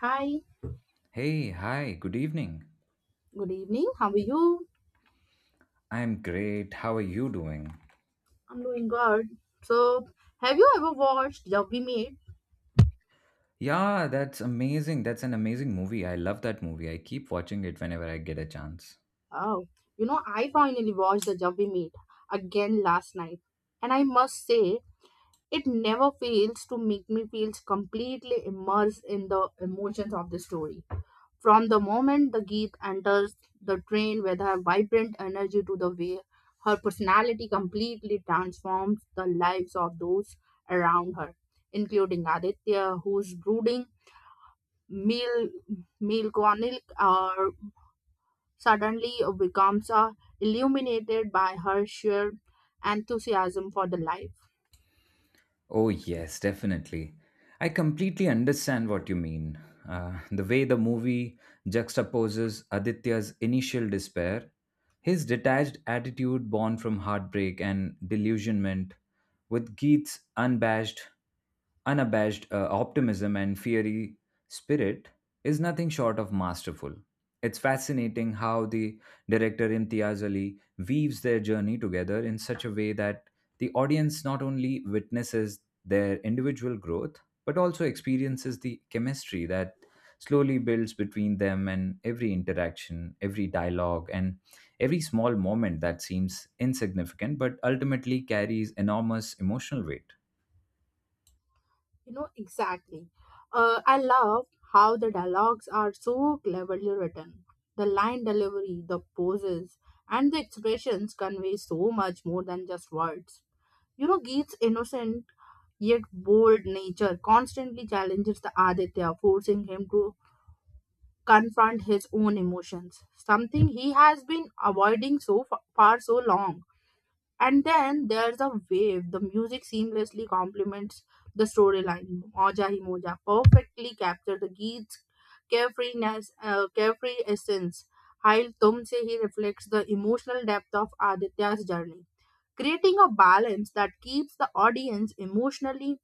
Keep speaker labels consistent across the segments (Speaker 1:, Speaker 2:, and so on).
Speaker 1: Hi,
Speaker 2: Hey, hi, good evening.
Speaker 1: good evening. How are you?
Speaker 2: I'm great. How are you doing?
Speaker 1: I'm doing good. So, have you ever watched Jab We Meet?
Speaker 2: Yeah, that's amazing. That's an amazing movie. I love that movie. I keep watching it whenever I get a chance.
Speaker 1: Oh, you know, I finally watched the Jab We Meet again last night, and I must say, it never fails to make me feel completely immersed in the emotions of the story. From the moment the Geet enters the train with her vibrant energy to the way her personality completely transforms the lives of those around her, including Aditya, whose brooding male melancholic are suddenly becomes illuminated by her sheer enthusiasm for the life.
Speaker 2: Oh, yes, definitely. I completely understand what you mean. The way the movie juxtaposes Aditya's initial despair, his detached attitude born from heartbreak and delusionment, with Geet's unabashed optimism and fiery spirit, is nothing short of masterful. It's fascinating how the director Imtiaz Ali weaves their journey together in such a way that the audience not only witnesses their individual growth, but also experiences the chemistry that slowly builds between them and every interaction, every dialogue, and every small moment that seems insignificant but ultimately carries enormous emotional weight.
Speaker 1: You know, exactly. I love how the dialogues are so cleverly written. The line delivery, the poses, and the expressions convey so much more than just words. You know, Geet's innocent yet bold nature constantly challenges the Aditya, forcing him to confront his own emotions, something he has been avoiding so far so long. And then there's a wave. The music seamlessly complements the storyline. Moja Hi Moja perfectly captured the Geet's carefreeness, carefree essence, while Tumse Hi reflects the emotional depth of Aditya's journey, creating a balance that keeps the audience emotionally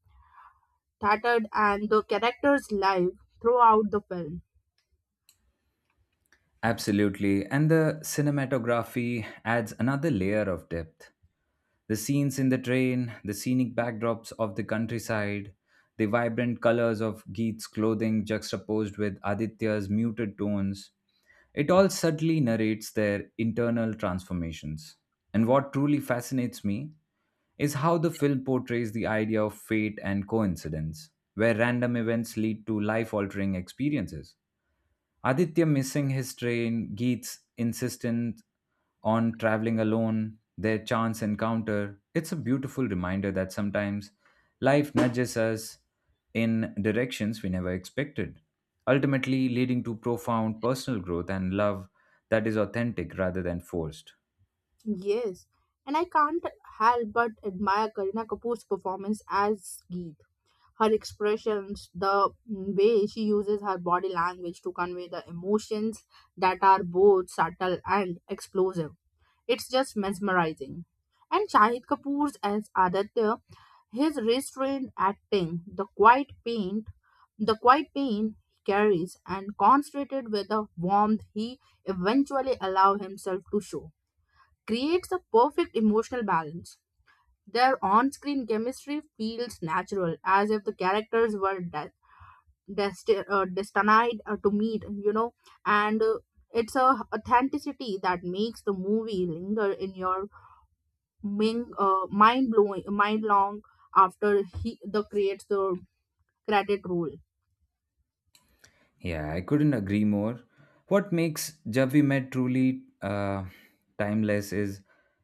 Speaker 1: tattered and the characters live throughout the film.
Speaker 2: Absolutely, and the cinematography adds another layer of depth. The scenes in the train, the scenic backdrops of the countryside, the vibrant colors of Geet's clothing juxtaposed with Aditya's muted tones, it all subtly narrates their internal transformations. And what truly fascinates me is how the film portrays the idea of fate and coincidence, where random events lead to life altering experiences. Aditya missing his train, Geet's insistence on traveling alone, their chance encounter. It's a beautiful reminder that sometimes life nudges us in directions we never expected, ultimately leading to profound personal growth and love that is authentic rather than forced.
Speaker 1: Yes, and I can't help but admire Karina Kapoor's performance as Geet her expressions, the way she uses her body language to convey the emotions that are both subtle and explosive. It's just mesmerizing. And Shahid Kapoor's as Aditya, his restrained acting, the quiet pain he carries, and concentrated with the warmth he eventually allows himself to show, creates a perfect emotional balance. Their on-screen chemistry feels natural, as if the characters were destined to meet you know and it's a authenticity that makes the movie linger in your mind blowing mind long after he the creates the credit roll.
Speaker 2: Yeah, I couldn't agree more. What makes Javi Med truly timeless is,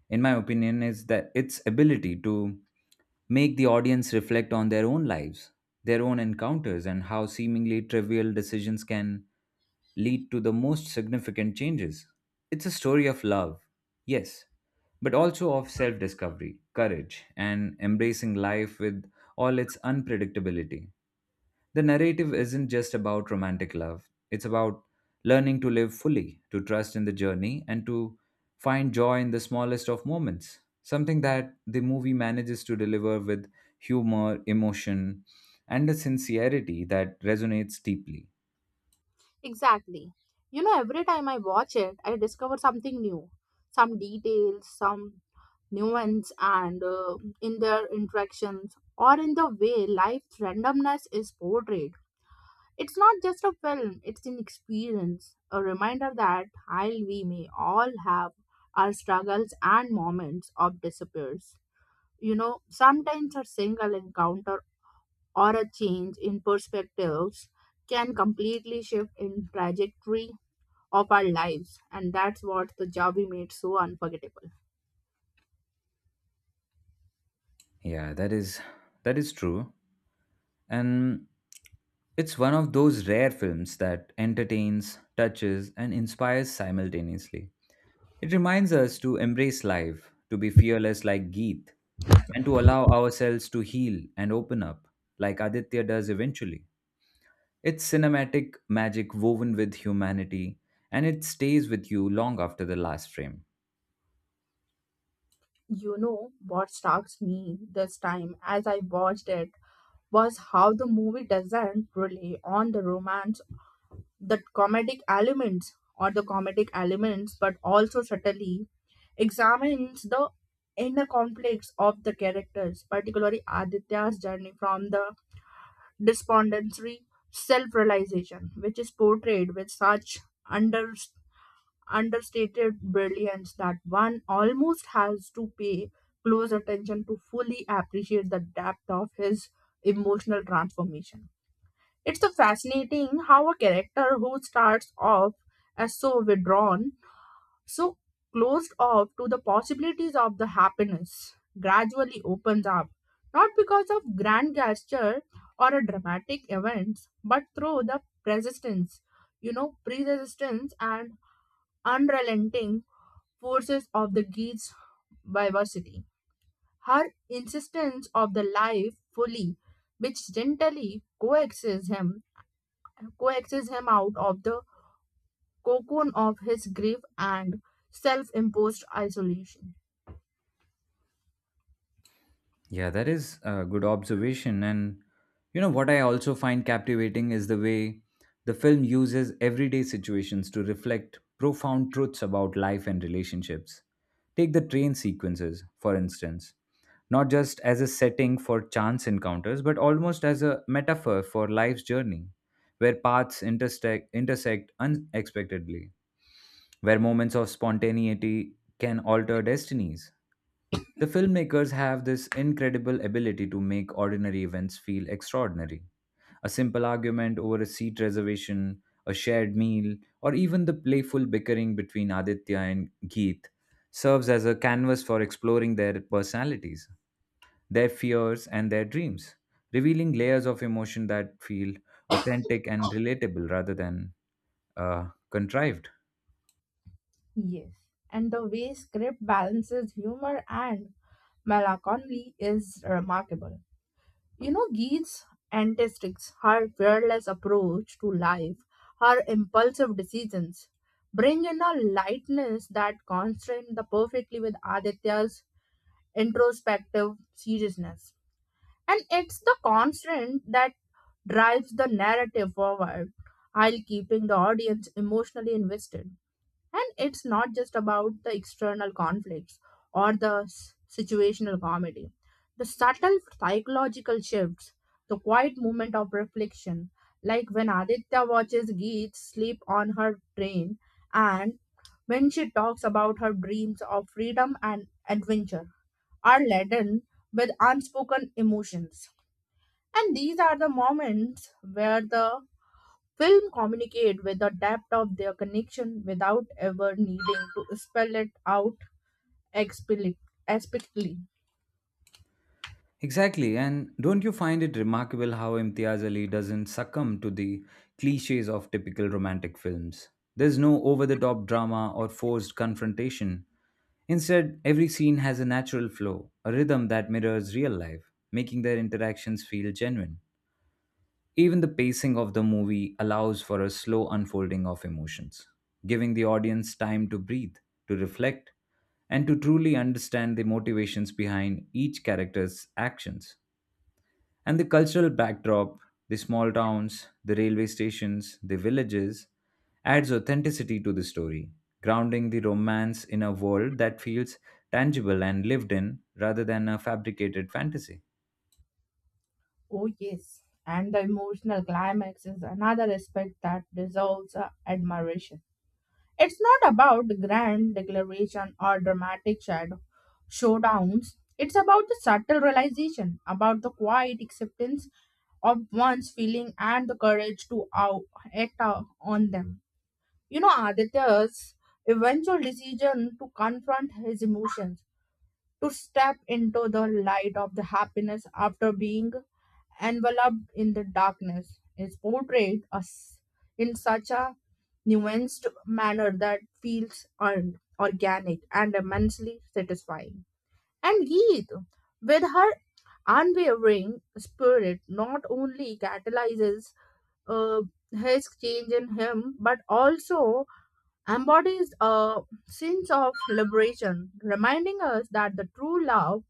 Speaker 2: in my opinion, is that its ability to make the audience reflect on their own lives, their own encounters, and how seemingly trivial decisions can lead to the most significant changes. It's a story of love, yes, but also of self discovery, courage, and embracing life with all its unpredictability. The narrative isn't just about romantic love, it's about learning to live fully, to trust in the journey, and to find joy in the smallest of moments. Something that the movie manages to deliver with humor, emotion, and a sincerity that resonates deeply.
Speaker 1: Exactly. You know, every time I watch it I discover something new, some details, some nuance and in their interactions or in the way life randomness is portrayed. It's not just a film, it's an experience, a reminder that while we may all have our struggles and moments of disappears, you know, sometimes a single encounter or a change in perspectives can completely shift in trajectory of our lives, and that's what the Javi made so unforgettable.
Speaker 2: Yeah, that is true. And it's one of those rare films that entertains, touches, and inspires simultaneously. It reminds us to embrace life, to be fearless like Geet, and to allow ourselves to heal and open up, like Aditya does eventually. It's cinematic magic woven with humanity, and it stays with you long after the last frame.
Speaker 1: You know what strikes me this time as I watched it was how the movie doesn't rely on the romance the comedic elements or the comedic elements, but also subtly examines the inner conflicts of the characters, particularly Aditya's journey from the despondency self realization, which is portrayed with such under, understated brilliance that one almost has to pay close attention to fully appreciate the depth of his emotional transformation. It's so fascinating how a character who starts off as so withdrawn, so closed off to the possibilities of the happiness, gradually opens up, not because of grand gesture or a dramatic event, but through the persistence, you know, pre-resistance and unrelenting forces of the geese diversity. Her insistence of the life fully, which gently coaxes him out of the cocoon of his grief and self imposed isolation.
Speaker 2: Yeah, that is a good observation. And you know what I also find captivating is the way the film uses everyday situations to reflect profound truths about life and relationships. Take the train sequences, for instance, not just as a setting for chance encounters, but almost as a metaphor for life's journey, where paths intersect unexpectedly where moments of spontaneity can alter destinies. The filmmakers have this incredible ability to make ordinary events feel extraordinary. A simple argument over a seat reservation, a shared meal, or even the playful bickering between Aditya and Geet serves as a canvas for exploring their personalities, their fears, and their dreams, revealing layers of emotion that feel authentic and relatable rather than contrived.
Speaker 1: Yes, and the way script balances humor and melancholy is remarkable. You know, Geeth's antistics, her fearless approach to life, her impulsive decisions, bring in a lightness that contrasts the perfectly with Aditya's introspective seriousness. And it's the constant that drives the narrative forward while keeping the audience emotionally invested. And it's not just about the external conflicts or the situational comedy. The subtle psychological shifts, the quiet moment of reflection, like when Aditya watches Geet sleep on her train and when she talks about her dreams of freedom and adventure, are laden with unspoken emotions. And these are the moments where the film communicate with the depth of their connection without ever needing to spell it out expli- explicitly.
Speaker 2: Exactly, and don't you find it remarkable how Imtiaz Ali doesn't succumb to the cliches of typical romantic films? There's no over the top drama or forced confrontation. Instead, every scene has a natural flow, a rhythm that mirrors real life, making their interactions feel genuine. Even the pacing of the movie allows for a slow unfolding of emotions, giving the audience time to breathe, to reflect, and to truly understand the motivations behind each character's actions. And the cultural backdrop, the small towns, the railway stations, the villages, adds authenticity to the story, grounding the romance in a world that feels tangible and lived in rather than a fabricated fantasy.
Speaker 1: Oh yes. And the emotional climax is another aspect that deserves admiration. It's not about grand declaration or dramatic shadow showdowns. It's about the subtle realization, about the quiet acceptance of one's feeling and the courage to act out on them. You know, Aditya's eventual decision to confront his emotions to step into the light of the happiness after being enveloped in the darkness is portrayed us in such a nuanced manner that feels earned, organic, and immensely satisfying. And Geet, with her unwavering spirit, not only catalyzes uh, his change in him, but also embodies a sense of liberation, reminding us that the true love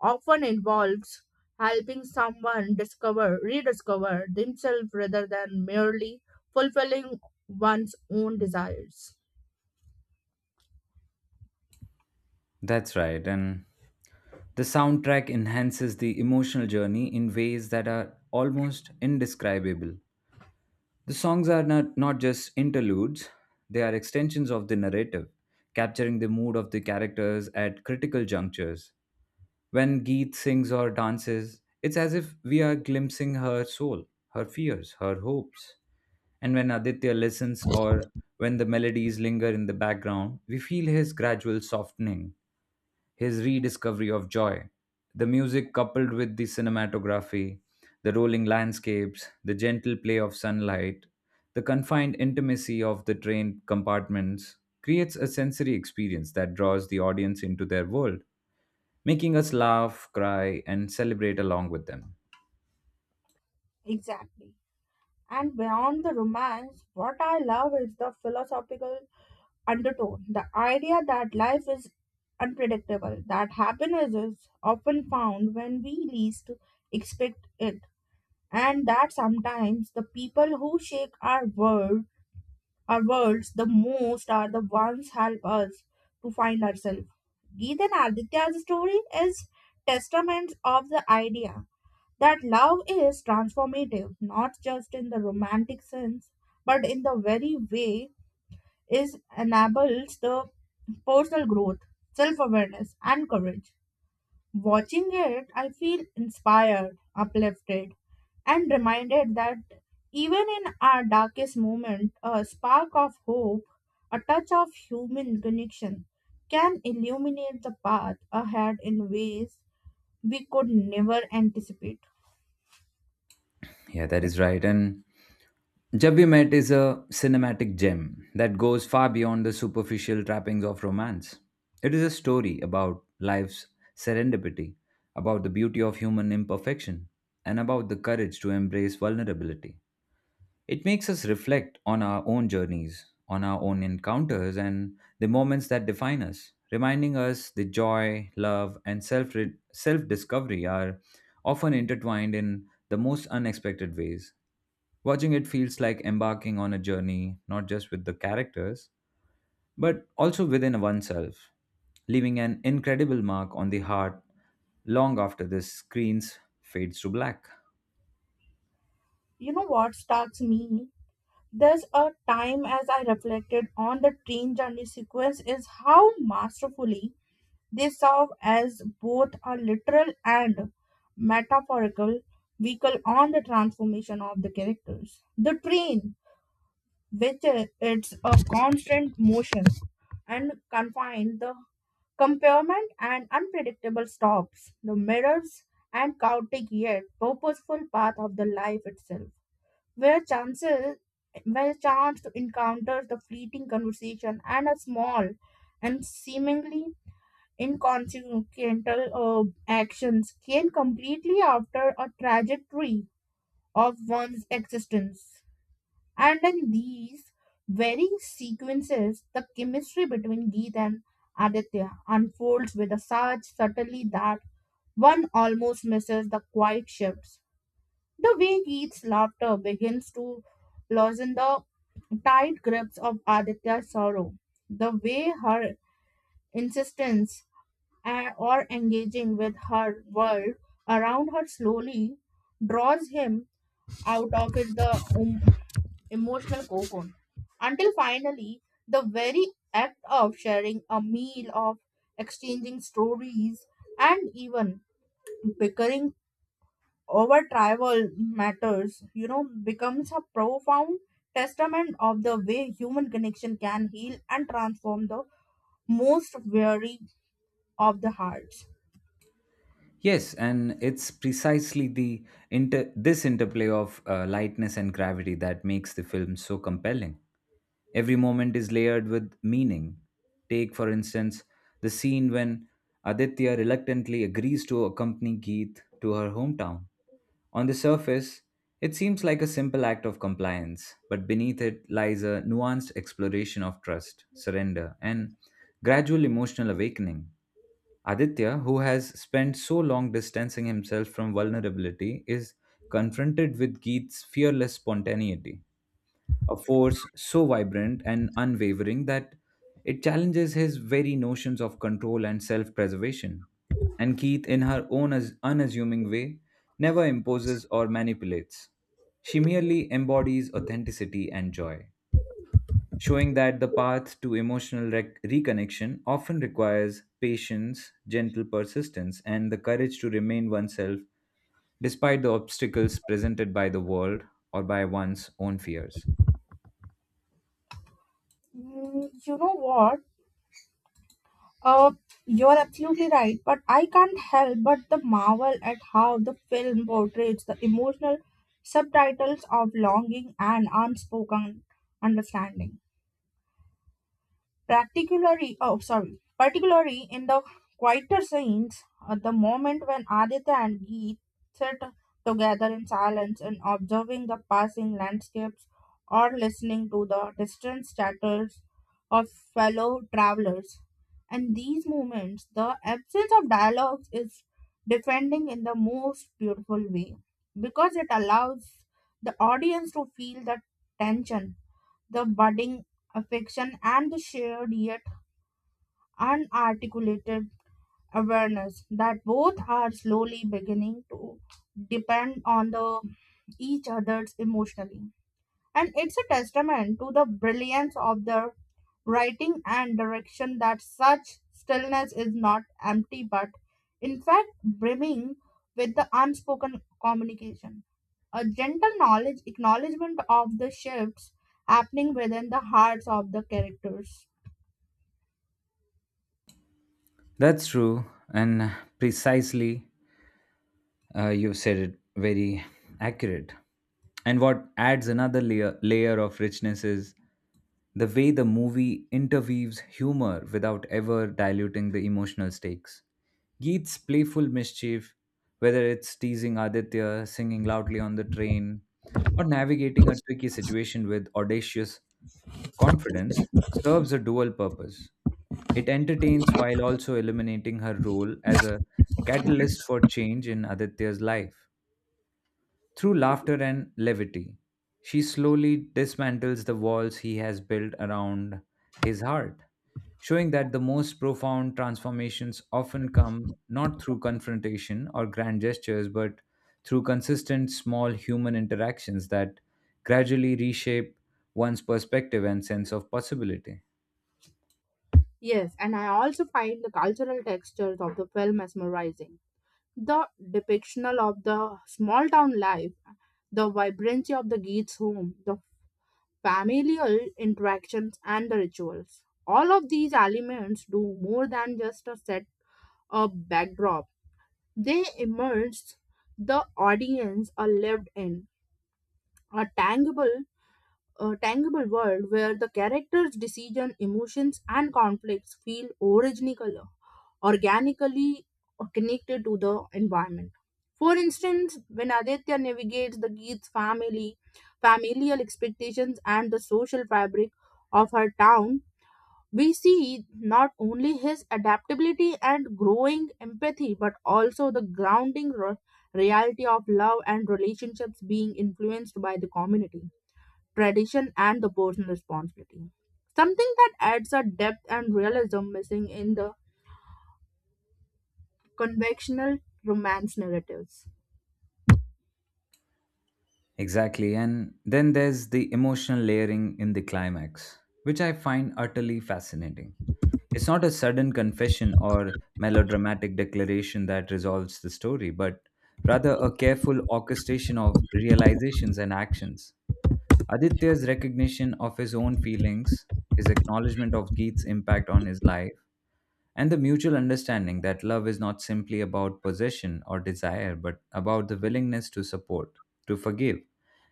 Speaker 1: often involves helping someone rediscover themselves rather than merely fulfilling one's own desires.
Speaker 2: That's right. And the soundtrack enhances the emotional journey in ways that are almost indescribable. The songs are not just interludes, they are extensions of the narrative, capturing the mood of the characters at critical junctures. When Geet sings or dances, it's as if we are glimpsing her soul, her fears, her hopes. And when Aditya listens or when the melodies linger in the background, we feel his gradual softening, his rediscovery of joy. The music coupled with the cinematography, the rolling landscapes, the gentle play of sunlight, the confined intimacy of the train compartments creates a sensory experience that draws the audience into their world making us laugh, cry, and celebrate along with them.
Speaker 1: Exactly. And beyond the romance, what I love is the philosophical undertone, the idea that life is unpredictable, that happiness is often found when we least expect it, and that sometimes the people who shake our world our worlds the most are the ones help us to find ourselves. Geet and Aditya's story is testament of the idea that love is transformative, not just in the romantic sense, but in the very way is enables the personal growth, self-awareness, and courage. Watching it, I feel inspired, uplifted, and reminded that even in our darkest moment, a spark of hope, a touch of human connection can illuminate the path ahead in ways we could never anticipate.
Speaker 2: Yeah, that is right. And Jab We Met is a cinematic gem that goes far beyond the superficial trappings of romance. It is a story about life's serendipity, about the beauty of human imperfection, and about the courage to embrace vulnerability. It makes us reflect on our own journeys, on our own encounters, and the moments that define us, reminding us the joy, love, and self discovery are often intertwined in the most unexpected ways. Watching it feels like embarking on a journey, not just with the characters, but also within oneself, leaving an incredible mark on the heart long after the screens fades to black.
Speaker 1: You know what starts me? There's a time as I reflected on the train journey sequence is how masterfully they serve as both a literal and metaphorical vehicle on the transformation of the characters. The train, which it's a constant motion and confined, the compartment and unpredictable stops, the mirrors and chaotic yet purposeful path of the life itself, where chances where chance to encounter the fleeting conversation and a small and seemingly inconsequential actions came completely after a trajectory of one's existence. And in these very sequences, the chemistry between Geet and Aditya unfolds with such subtlety that one almost misses the quiet shifts. The way Geet's laughter begins to loosen the tight grips of Aditya's sorrow, the way her insistence or engaging with her world around her slowly draws him out of his the um, emotional cocoon until finally the very act of sharing a meal of exchanging stories and even bickering over tribal matters, you know, becomes a profound testament of the way human connection can heal and transform the most weary of the hearts.
Speaker 2: Yes, and it's precisely the this interplay of lightness and gravity that makes the film so compelling. Every moment is layered with meaning. Take, for instance, the scene when Aditya reluctantly agrees to accompany Geet to her hometown. On the surface, it seems like a simple act of compliance, but beneath it lies a nuanced exploration of trust, surrender, and gradual emotional awakening. Aditya, who has spent so long distancing himself from vulnerability, is confronted with Geet's fearless spontaneity, a force so vibrant and unwavering that it challenges his very notions of control and self preservation. And Keith, in her unassuming way, never imposes or manipulates. She merely embodies authenticity and joy showing that the path to emotional reconnection often requires patience, gentle persistence, and the courage to remain oneself despite the obstacles presented by the world or by one's own fears.
Speaker 1: You know what. Uh, you're absolutely right, but I can't help but the marvel at how the film portrays the emotional subtitles of longing and unspoken understanding. Particularly in the quieter scenes, at the moment when Aditya and Geet sit together in silence and observing the passing landscapes or listening to the distant chatters of fellow travelers. And these moments, the absence of dialogues is defending in the most beautiful way because it allows the audience to feel the tension, the budding affection and the shared yet unarticulated awareness that both are slowly beginning to depend on the each other's emotionally, and it's a testament to the brilliance of their writing and direction that such stillness is not empty but in fact brimming with the unspoken communication, a gentle knowledge acknowledgement of the shifts happening within the hearts of the characters.
Speaker 2: That's true, and precisely you've said it very accurate. And what adds another layer of richness is the way the movie interweaves humor without ever diluting the emotional stakes. Geet's playful mischief, whether it's teasing Aditya, singing loudly on the train, or navigating a tricky situation with audacious confidence, serves a dual purpose. It entertains while also eliminating her role as a catalyst for change in Aditya's life. Through laughter and levity, she slowly dismantles the walls he has built around his heart, showing that the most profound transformations often come not through confrontation or grand gestures, but through consistent small human interactions that gradually reshape one's perspective and sense of possibility.
Speaker 1: Yes, and I also find the cultural textures of the film mesmerizing, the depictional of the small town life, the vibrancy of the geats home, the familial interactions, and the rituals. All of these elements do more than just a set a backdrop. They immerse the audience are lived in a tangible a tangible world where the characters' decision, emotions, and conflicts feel original organically connected to the environment. For instance, when Aditya navigates the Geet's family, familial expectations, and the social fabric of her town, we see not only his adaptability and growing empathy, but also the grounding reality of love and relationships being influenced by the community, tradition, and the personal responsibility. Something that adds a depth and realism missing in the conventional romance narratives.
Speaker 2: Exactly. And then there's the emotional layering in the climax, which I find utterly fascinating. It's not a sudden confession or melodramatic declaration that resolves the story, but rather a careful orchestration of realizations and actions. Aditya's recognition of his own feelings, his acknowledgement of Geet's impact on his life, and the mutual understanding that love is not simply about possession or desire, but about the willingness to support, to forgive,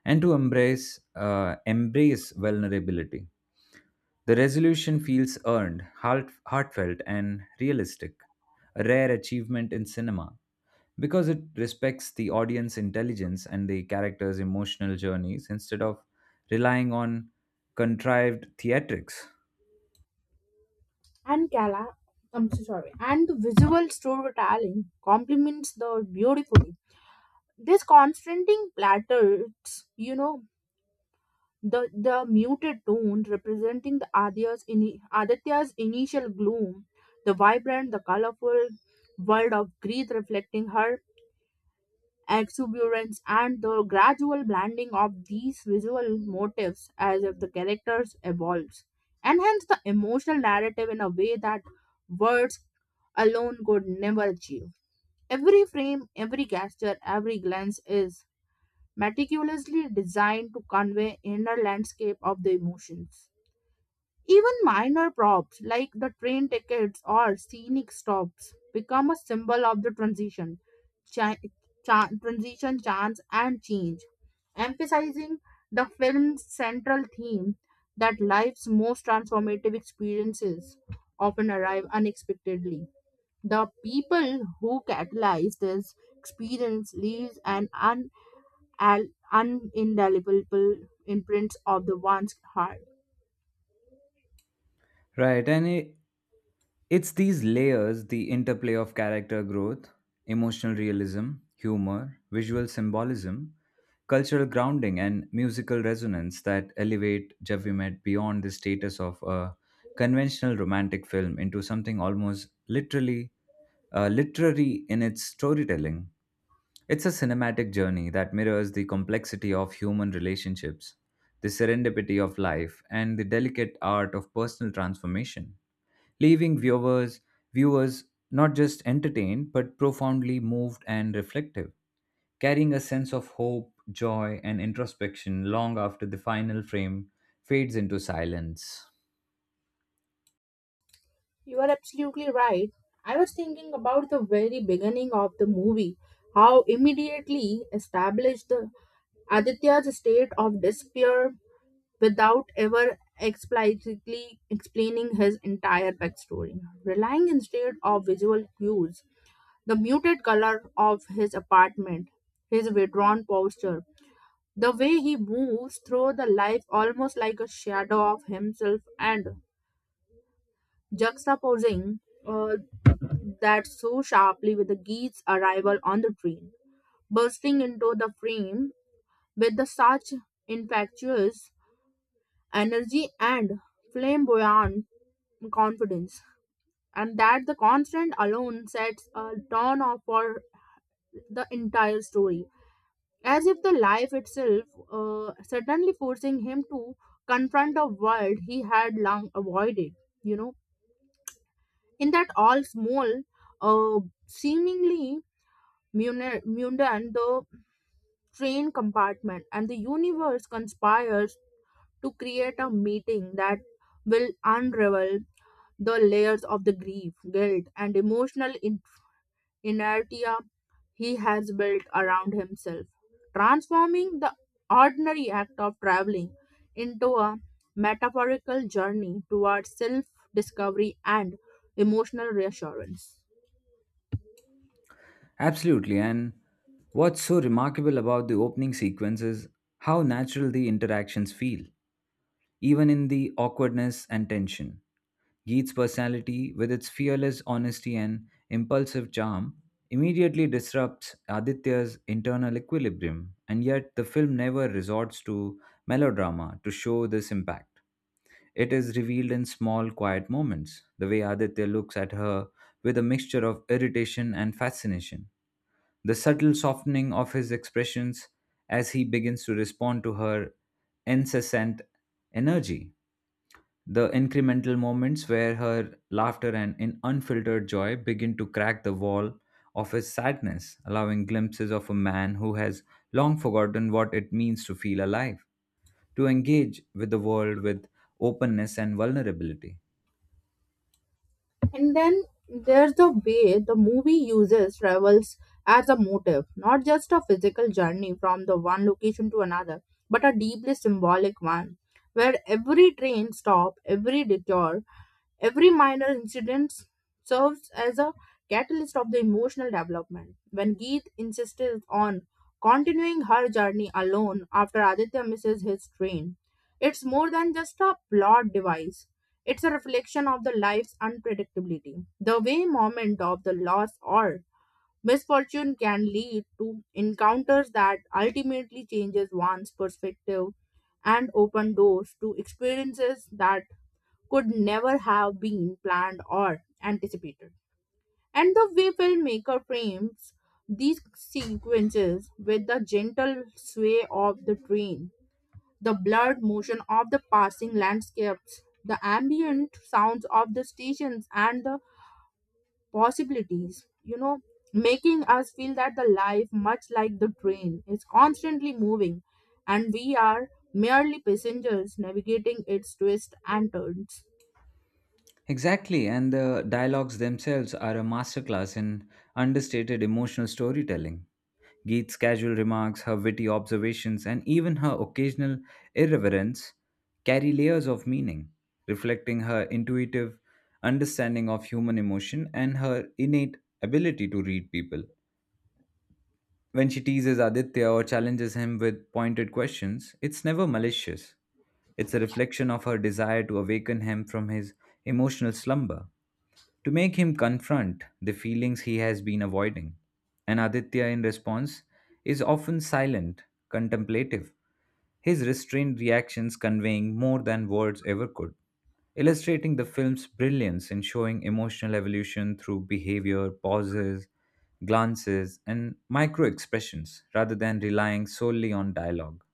Speaker 2: and to embrace vulnerability. The resolution feels earned, heartfelt, and realistic, a rare achievement in cinema because it respects the audience intelligence and the characters' emotional journeys instead of relying on contrived theatrics.
Speaker 1: And Kala, I'm so sorry, and the visual storytelling complements the beautifully. This constraining platters, you know, the muted tone representing the Aditya's initial gloom, the vibrant, the colorful world of Greed reflecting her exuberance, and the gradual blending of these visual motifs as if the characters evolves, and hence the emotional narrative in a way that words alone could never achieve. Every frame, every gesture, every glance is meticulously designed to convey inner landscape of the emotions. Even minor props like the train tickets or scenic stops become a symbol of the transition, cha- transition chance, and change, emphasizing the film's central theme that life's most transformative experiences often arrive unexpectedly. The people who catalyze this experience leaves an al- unindelible imprint of the one's heart.
Speaker 2: Right, it's these layers, the interplay of character growth, emotional realism, humor, visual symbolism, cultural grounding, and musical resonance that elevate Javimet beyond the status of a conventional romantic film into something almost literally literary in its storytelling. It's a cinematic journey that mirrors the complexity of human relationships, the serendipity of life, and the delicate art of personal transformation leaving viewers not just entertained but profoundly moved and reflective, carrying a sense of hope, joy, and introspection long after the final frame fades into silence.
Speaker 1: You are absolutely right. I was thinking about the very beginning of the movie, how immediately established the Aditya's state of despair without ever explicitly explaining his entire backstory, relying instead of visual cues, the muted color of his apartment, his withdrawn posture, the way he moves through the life almost like a shadow of himself, and juxtaposing uh, that so sharply with the geese arrival on the train, bursting into the frame with the such infectious energy and flamboyant confidence, and that the constant alone sets a tone of for the entire story, as if the life itself suddenly forcing him to confront a world he had long avoided. You know, in that all small, uh, seemingly mundane, the train compartment, and the universe conspires to create a meeting that will unravel the layers of the grief, guilt, and emotional inertia he has built around himself, transforming the ordinary act of traveling into a metaphorical journey towards self discovery and emotional reassurance.
Speaker 2: Absolutely, and what's so remarkable about the opening sequence is how natural the interactions feel, even in the awkwardness and tension. Geet's personality, with its fearless honesty and impulsive charm, immediately disrupts Aditya's internal equilibrium, and yet the film never resorts to melodrama to show this impact. It is revealed in small, quiet moments, the way Aditya looks at her with a mixture of irritation and fascination, the subtle softening of his expressions as he begins to respond to her incessant energy the incremental moments where her laughter and in unfiltered joy begin to crack the wall of his sadness, allowing glimpses of a man who has long forgotten what it means to feel alive, to engage with the world with openness and vulnerability.
Speaker 1: And then there's the way the movie uses travels as a motive, not just a physical journey from the one location to another, but a deeply symbolic one, where every train stop, every detour, every minor incident serves as a catalyst of the emotional development. When Geet insisted on continuing her journey alone after Aditya misses his train, it's more than just a plot device. It's a reflection of the life's unpredictability, the way moment of the loss or misfortune can lead to encounters that ultimately changes one's perspective and open doors to experiences that could never have been planned or anticipated. And the way filmmaker frames these sequences with the gentle sway of the train, the blurred motion of the passing landscapes, the ambient sounds of the stations, and the possibilities, you know, making us feel that the life, much like the train, is constantly moving and we are merely passengers navigating its twists and turns.
Speaker 2: Exactly, and the dialogues themselves are a masterclass in understated emotional storytelling. Geet's casual remarks, her witty observations, and even her occasional irreverence carry layers of meaning, reflecting her intuitive understanding of human emotion and her innate ability to read people. When she teases Aditya or challenges him with pointed questions, it's never malicious. It's a reflection of her desire to awaken him from his emotional slumber to make him confront the feelings he has been avoiding. And Aditya, in response, is often silent, contemplative, his restrained reactions conveying more than words ever could, illustrating the film's brilliance in showing emotional evolution through behavior, pauses, glances, and micro expressions rather than relying solely on dialogue.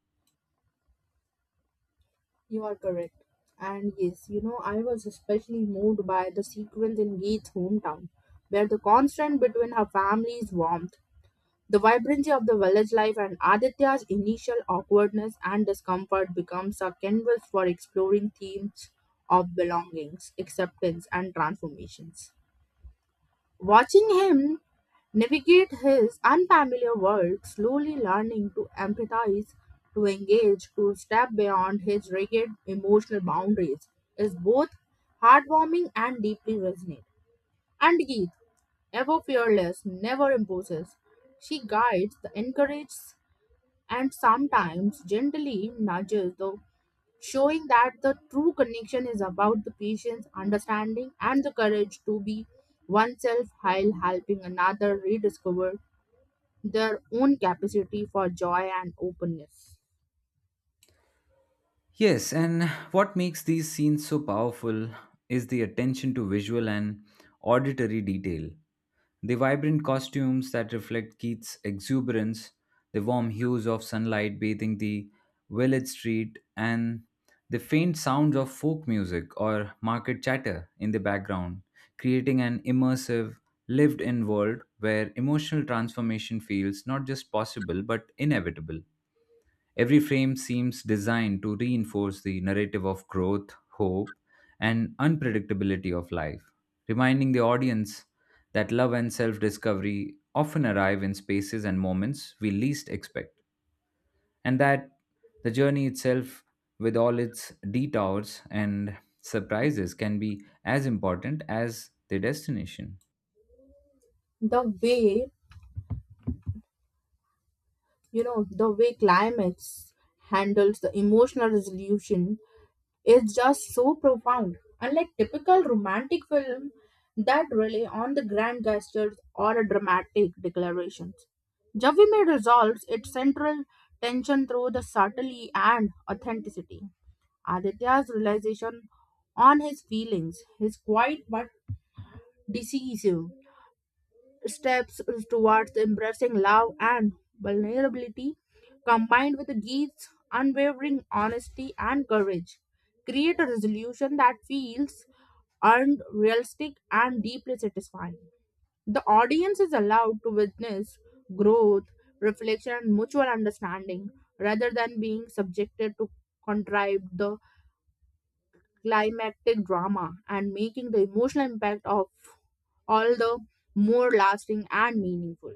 Speaker 1: You are correct. And yes, you know, I was especially moved by the sequence in Geet's hometown, where the constant between her family's warmth, the vibrancy of the village life, and Aditya's initial awkwardness and discomfort becomes a canvas for exploring themes of belongings, acceptance, and transformations. Watching him navigate his unfamiliar world, slowly learning to empathize, to engage, to step beyond his rigid emotional boundaries, is both heartwarming and deeply resonant. And Geet, ever fearless, never imposes. She guides, encourages, and sometimes gently nudges, though, showing that the true connection is about the patient's understanding and the courage to be oneself while helping another rediscover their own capacity for joy and openness.
Speaker 2: Yes, and what makes these scenes so powerful is the attention to visual and auditory detail. The vibrant costumes that reflect Keith's exuberance, the warm hues of sunlight bathing the village street, and the faint sounds of folk music or market chatter in the background, creating an immersive, lived in world where emotional transformation feels not just possible but inevitable. Every frame seems designed to reinforce the narrative of growth, hope, and unpredictability of life, reminding the audience that love and self discovery often arrive in spaces and moments we least expect, and that the journey itself, with all its detours and surprises, can be as important as the destination.
Speaker 1: The way, you know, the way climax handles the emotional resolution is just so profound. Unlike typical romantic film that rely on the grand gestures or a dramatic declarations, Javime resolves its central tension through the subtlety and authenticity. Aditya's realization on his feelings is quiet but decisive, steps towards embracing love and vulnerability, combined with Geet's unwavering honesty and courage, create a resolution that feels earned, realistic, and deeply satisfying. The audience is allowed to witness growth, reflection, and mutual understanding rather than being subjected to contrived the climactic drama and making the emotional impact of all the more lasting and meaningful.